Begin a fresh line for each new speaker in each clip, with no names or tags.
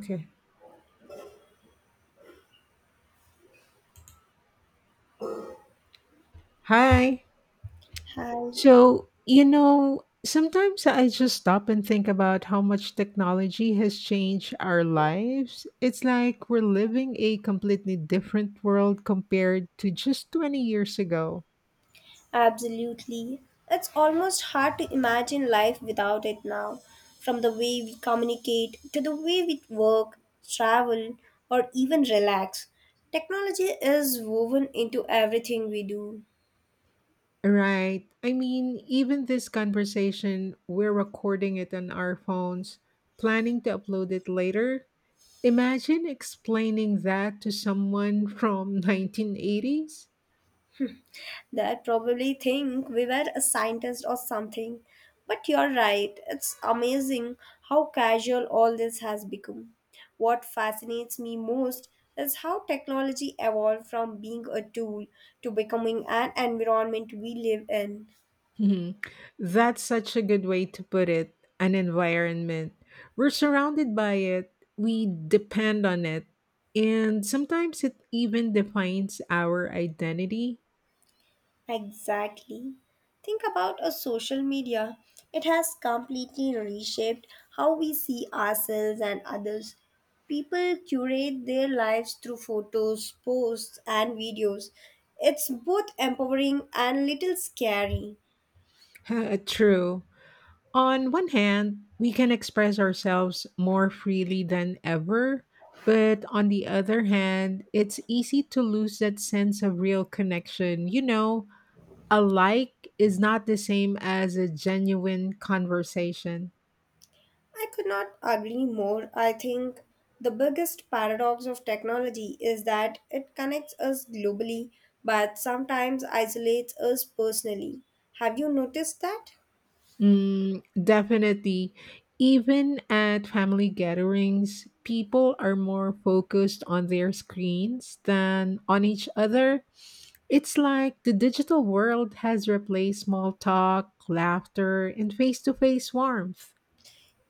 Okay. Hi.
Hi,
So, sometimes I just stop and think about how much technology has changed our lives. It's like we're living a completely different world compared to just 20 years ago.
absolutely. It's almost hard to imagine life without it now. From the way we communicate to the way we work, travel, or even relax, technology is woven into everything we do.
Right. I mean, even this conversation, we're recording it on our phones, planning to upload it later. Imagine explaining that to someone from 1980s.
That probably think we were a scientist or something. But you're right, it's amazing how casual all this has become. What fascinates me most is how technology evolved from being a tool to becoming an environment we live in.
Mhm. That's such a good way to put it an environment. We're surrounded by it, we depend on it, and sometimes it even defines our identity.
Exactly. Think about a social media. It has completely reshaped how we see ourselves and others. People curate their lives through photos, posts, and videos. It's both empowering and little scary.
True. On one hand, we can express ourselves more freely than ever, but on the other hand, it's easy to lose that sense of real connection. A like is not the same as a genuine conversation.
I could not agree more. I think the biggest paradox of technology is that it connects us globally but sometimes isolates us personally. Have you noticed that?
Mm, definitely. Even at family gatherings, people are more focused on their screens than on each other. It's like the digital world has replaced small talk, laughter, and face to face warmth.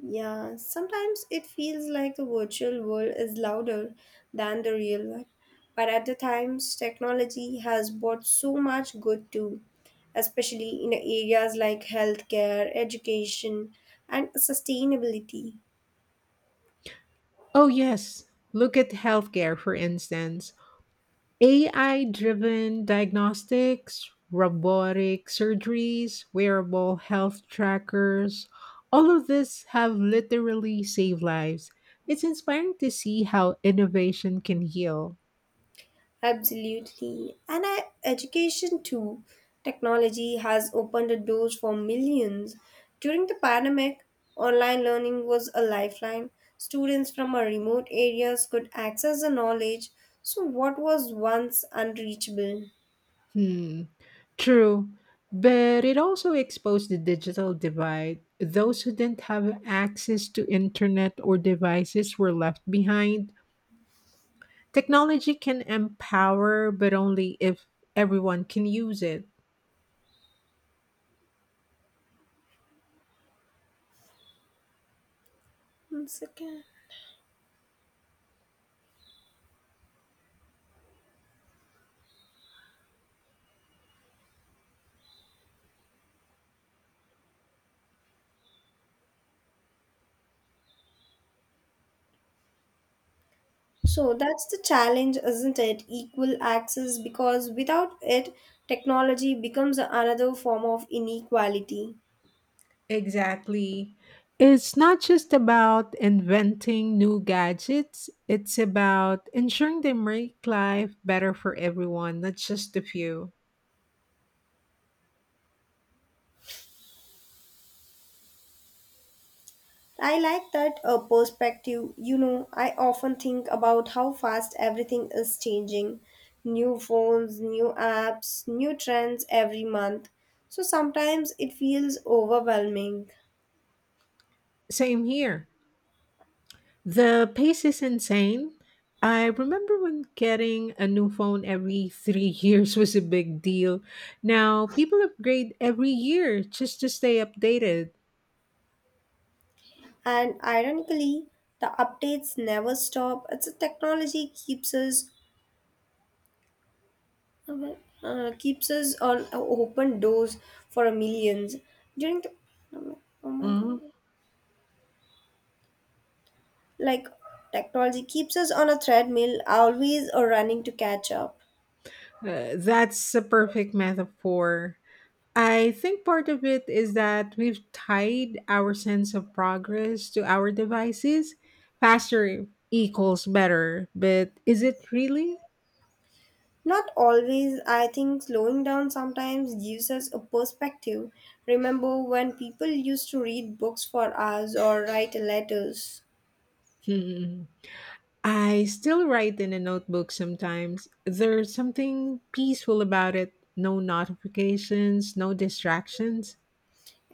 Yeah, sometimes it feels like the virtual world is louder than the real one. But at the times, technology has brought so much good too, especially in areas like healthcare, education, and sustainability.
Oh, yes. Look at healthcare, for instance. AI driven diagnostics, robotic surgeries, wearable health trackers, all of this have literally saved lives. It's inspiring to see how innovation can heal.
Absolutely. And I, education too. Technology has opened the doors for millions. During the pandemic, online learning was a lifeline. Students from a remote areas could access the knowledge. So what was once unreachable?
Hmm, true. But it also exposed the digital divide. Those who didn't have access to internet or devices were left behind. Technology can empower, but only if everyone can use it.
One second. So that's the challenge, isn't it? Equal access because without it, technology becomes another form of inequality.
Exactly. It's not just about inventing new gadgets, it's about ensuring they make life better for everyone, not just a few.
I like that perspective. You know, I often think about how fast everything is changing. New phones, new apps, new trends every month. So sometimes it feels overwhelming.
Same here. The pace is insane. I remember when getting a new phone every three years was a big deal. Now, people upgrade every year just to stay updated.
And ironically, the updates never stop. It's a technology keeps us on open doors for millions. During the oh my
Mhm.
god. Like, technology keeps us on a treadmill, always or running to catch up.
That's a perfect metaphor. I think part of it is that we've tied our sense of progress to our devices. Faster equals better, but is it really?
Not always, I think slowing down sometimes gives us a perspective. Remember when people used to read books for us or write letters?
Hmm. I still write in a notebook sometimes. There's something peaceful about it. No notifications, no distractions.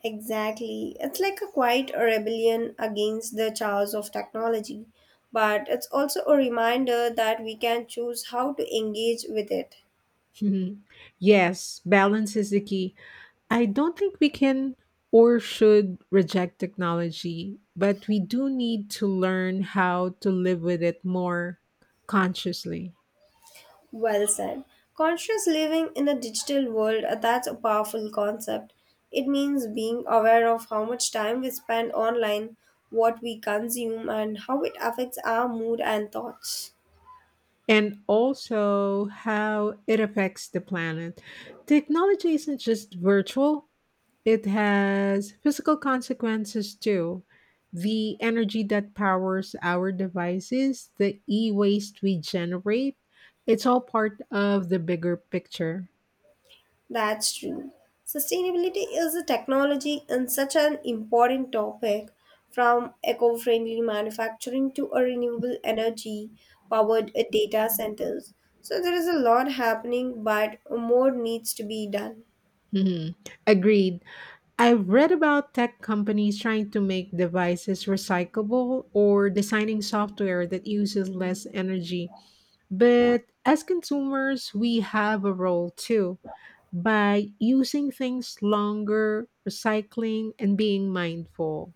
Exactly. It's like a quiet rebellion against the chaos of technology, but it's also a reminder that we can choose how to engage with it.
Yes, balance is the key. I don't think we can or should reject technology, but we do need to learn how to live with it more consciously,
Well said. Conscious living in a digital world, that's a powerful concept. It means being aware of how much time we spend online, what we consume, and how it affects our mood and thoughts.
and also how it affects the planet. Technology isn't just virtual, it has physical consequences too. The energy that powers our devices, the e waste we generate, it's all part of the bigger picture.
That's true. Sustainability is a technology and such an important topic, from eco friendly manufacturing to a renewable energy powered data centers. So, there is a lot happening, but more needs to be done.
Mhm. Agreed. I've read about tech companies trying to make devices recyclable or designing software that uses less energy. But as consumers, we have a role too. By using things longer, recycling, and being mindful.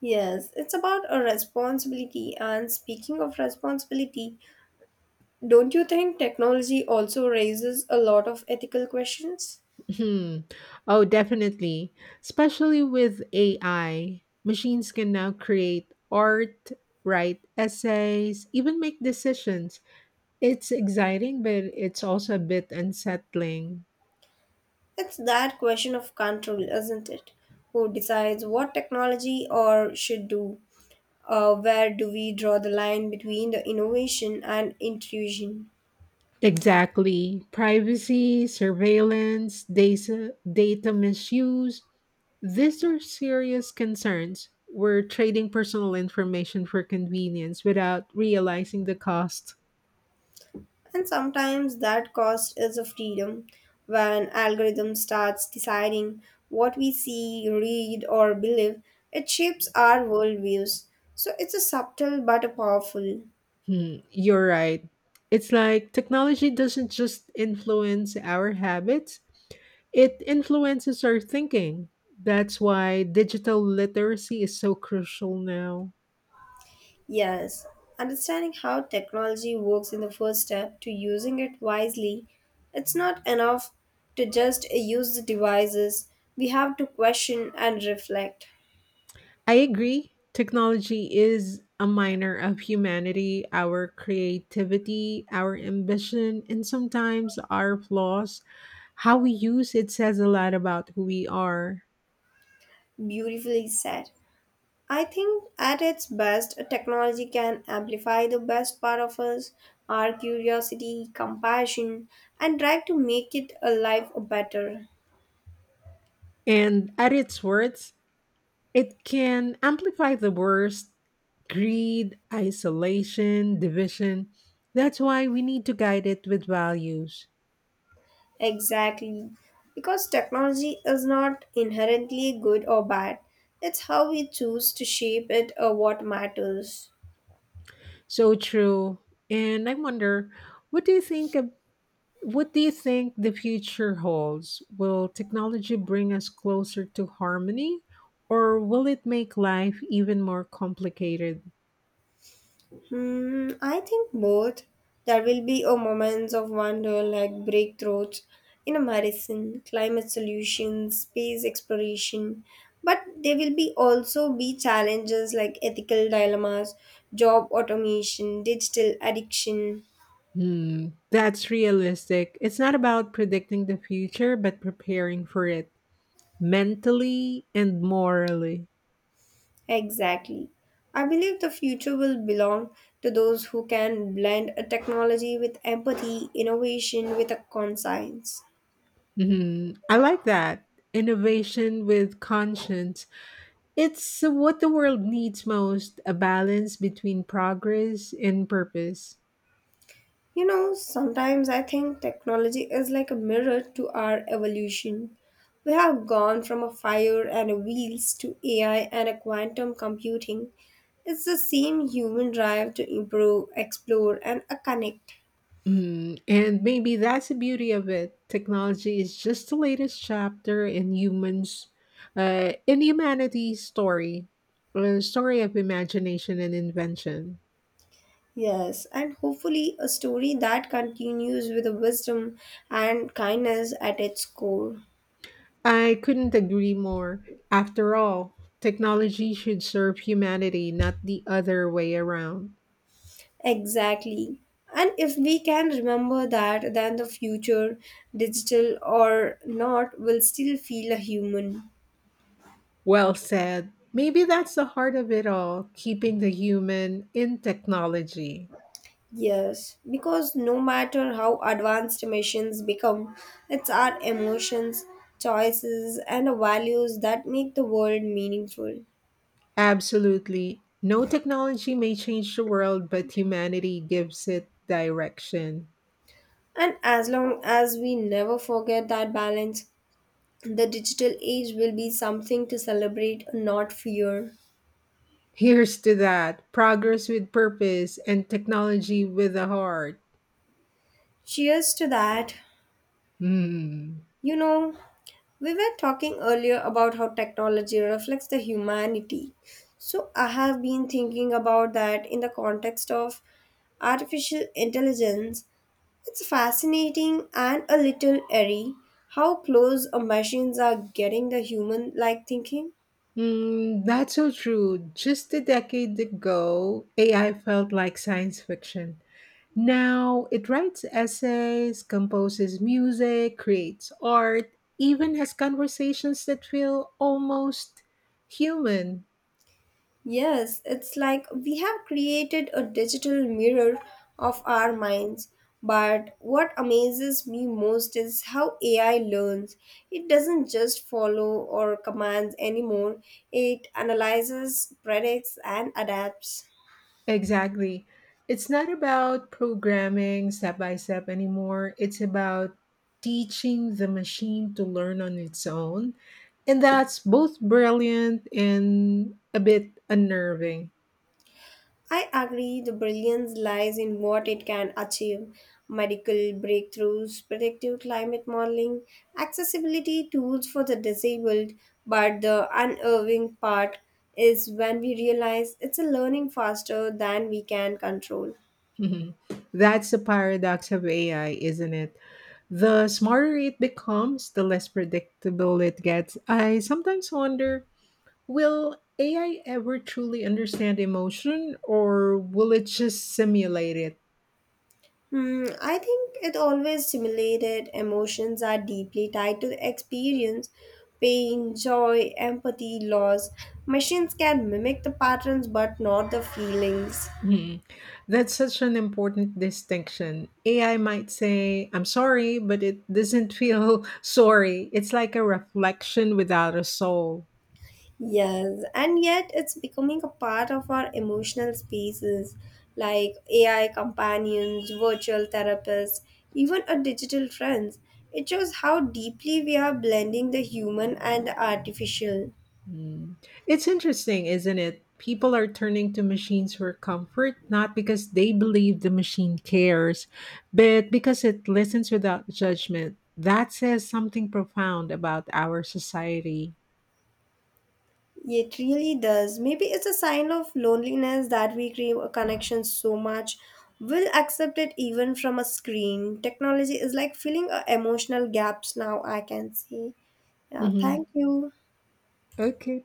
Yes, it's about a responsibility. And speaking of responsibility, don't you think technology also raises a lot of ethical questions?
Hmm. Oh, definitely. Especially with AI, machines can now create art, write essays, even make decisions. It's exciting, but it's also a bit unsettling.
It's that question of control, isn't it? Who decides what technology or should do? Where do we draw the line between the innovation and intrusion?
Exactly. Privacy, surveillance, data misuse. These are serious concerns. We're trading personal information for convenience without realizing the cost.
And sometimes that cost is a freedom when algorithm starts deciding what we see, read, or believe. It shapes our worldviews. So it's a subtle but a powerful.
Hmm, you're right. It's like technology doesn't just influence our habits, it influences our thinking. That's why digital literacy is so crucial now.
Yes, understanding how technology works in the first step to using it wisely. It's not enough to just use the devices. We have to question and reflect.
I agree. Technology is a miner of humanity, our creativity, our ambition, and sometimes our flaws. How we use it says a lot about who we are.
Beautifully said. I think at its best, technology can amplify the best part of us, our curiosity, compassion, and drive to make it a life better.
And at its worst, it can amplify the worst greed, isolation, division. That's why we need to guide it with values.
Exactly. Because technology is not inherently good or bad, it's how we choose to shape it or what matters.
So true. And I wonder, what do you think what do you think the future holds? Will technology bring us closer to harmony or will it make life even more complicated?
Hmm, I think both. There will be a moments of wonder like breakthroughs in a medicine, climate solutions, space exploration, but there will be also be challenges like ethical dilemmas, job automation, digital addiction.
Hmm, that's realistic. It's not about predicting the future, but preparing for it mentally and morally.
Exactly. I believe the future will belong to those who can blend a technology with empathy, innovation with a conscience.
Hmm, I like that. Innovation with conscience. It's what the world needs most a balance between progress and purpose.
You know, sometimes I think technology is like a mirror to our evolution. We have gone from a fire and a wheels to AI and a quantum computing. It's the same human drive to improve, explore, and connect.
Mm, and maybe that's the beauty of it. Technology is just the latest chapter in humans, in humanity's story, a story of imagination and invention.
Yes, and hopefully a story that continues with the wisdom and kindness at its core.
I couldn't agree more. After all, technology should serve humanity, not the other way around.
Exactly. And if we can remember that, then the future, digital or not, will still feel a human.
Well said. Maybe that's the heart of it all, keeping the human in technology.
Yes, because no matter how advanced machines become, it's our emotions, choices, and values that make the world meaningful.
Absolutely. No technology may change the world, but humanity gives it direction.
And as long as we never forget that balance, the digital age will be something to celebrate, not fear.
Here's to that progress with purpose and technology with a heart.
Cheers to that.
Hmm.
You know, we were talking earlier about how technology reflects the humanity. So I have been thinking about that in the context of artificial intelligence. It's fascinating and a little eerie how close machines are getting the human like thinking.
Mm, that's so true. Just a decade ago, AI felt like science fiction. Now it writes essays, composes music, creates art, even has conversations that feel almost human.
Yes, it's like we have created a digital mirror of our minds. But what amazes me most is how AI learns. It doesn't just follow or commands anymore, it analyzes, predicts, and adapts.
Exactly. It's not about programming step by step anymore. It's about teaching the machine to learn on its own. And that's both brilliant and a bit unnerving.
I agree the brilliance lies in what it can achieve medical breakthroughs, predictive climate modeling, accessibility tools for the disabled. But the unnerving part is when we realize it's a learning faster than we can control.
Mhm. That's the paradox of AI, isn't it? The smarter it becomes, the less predictable it gets. I sometimes wonder, will AI ever truly understand emotion or will it just simulate it?
Hmm, I think it always simulated emotions are deeply tied to the experience, pain, joy, empathy, loss. Machines can mimic the patterns but not the feelings.
Hmm. That's such an important distinction. AI might say, I'm sorry, but it doesn't feel sorry. It's like a reflection without a soul.
Yes, and yet it's becoming a part of our emotional spaces like AI companions, virtual therapists, even our digital friends. It shows how deeply we are blending the human and the artificial.
Mm. It's interesting, isn't it? People are turning to machines for comfort, not because they believe the machine cares, but because it listens without judgment. That says something profound about our society.
It really does. Maybe it's a sign of loneliness that we crave a connection so much. We'll accept it even from a screen. Technology is like filling our emotional gaps now, I can see. Yeah,
Hmm.
thank you.
Okay.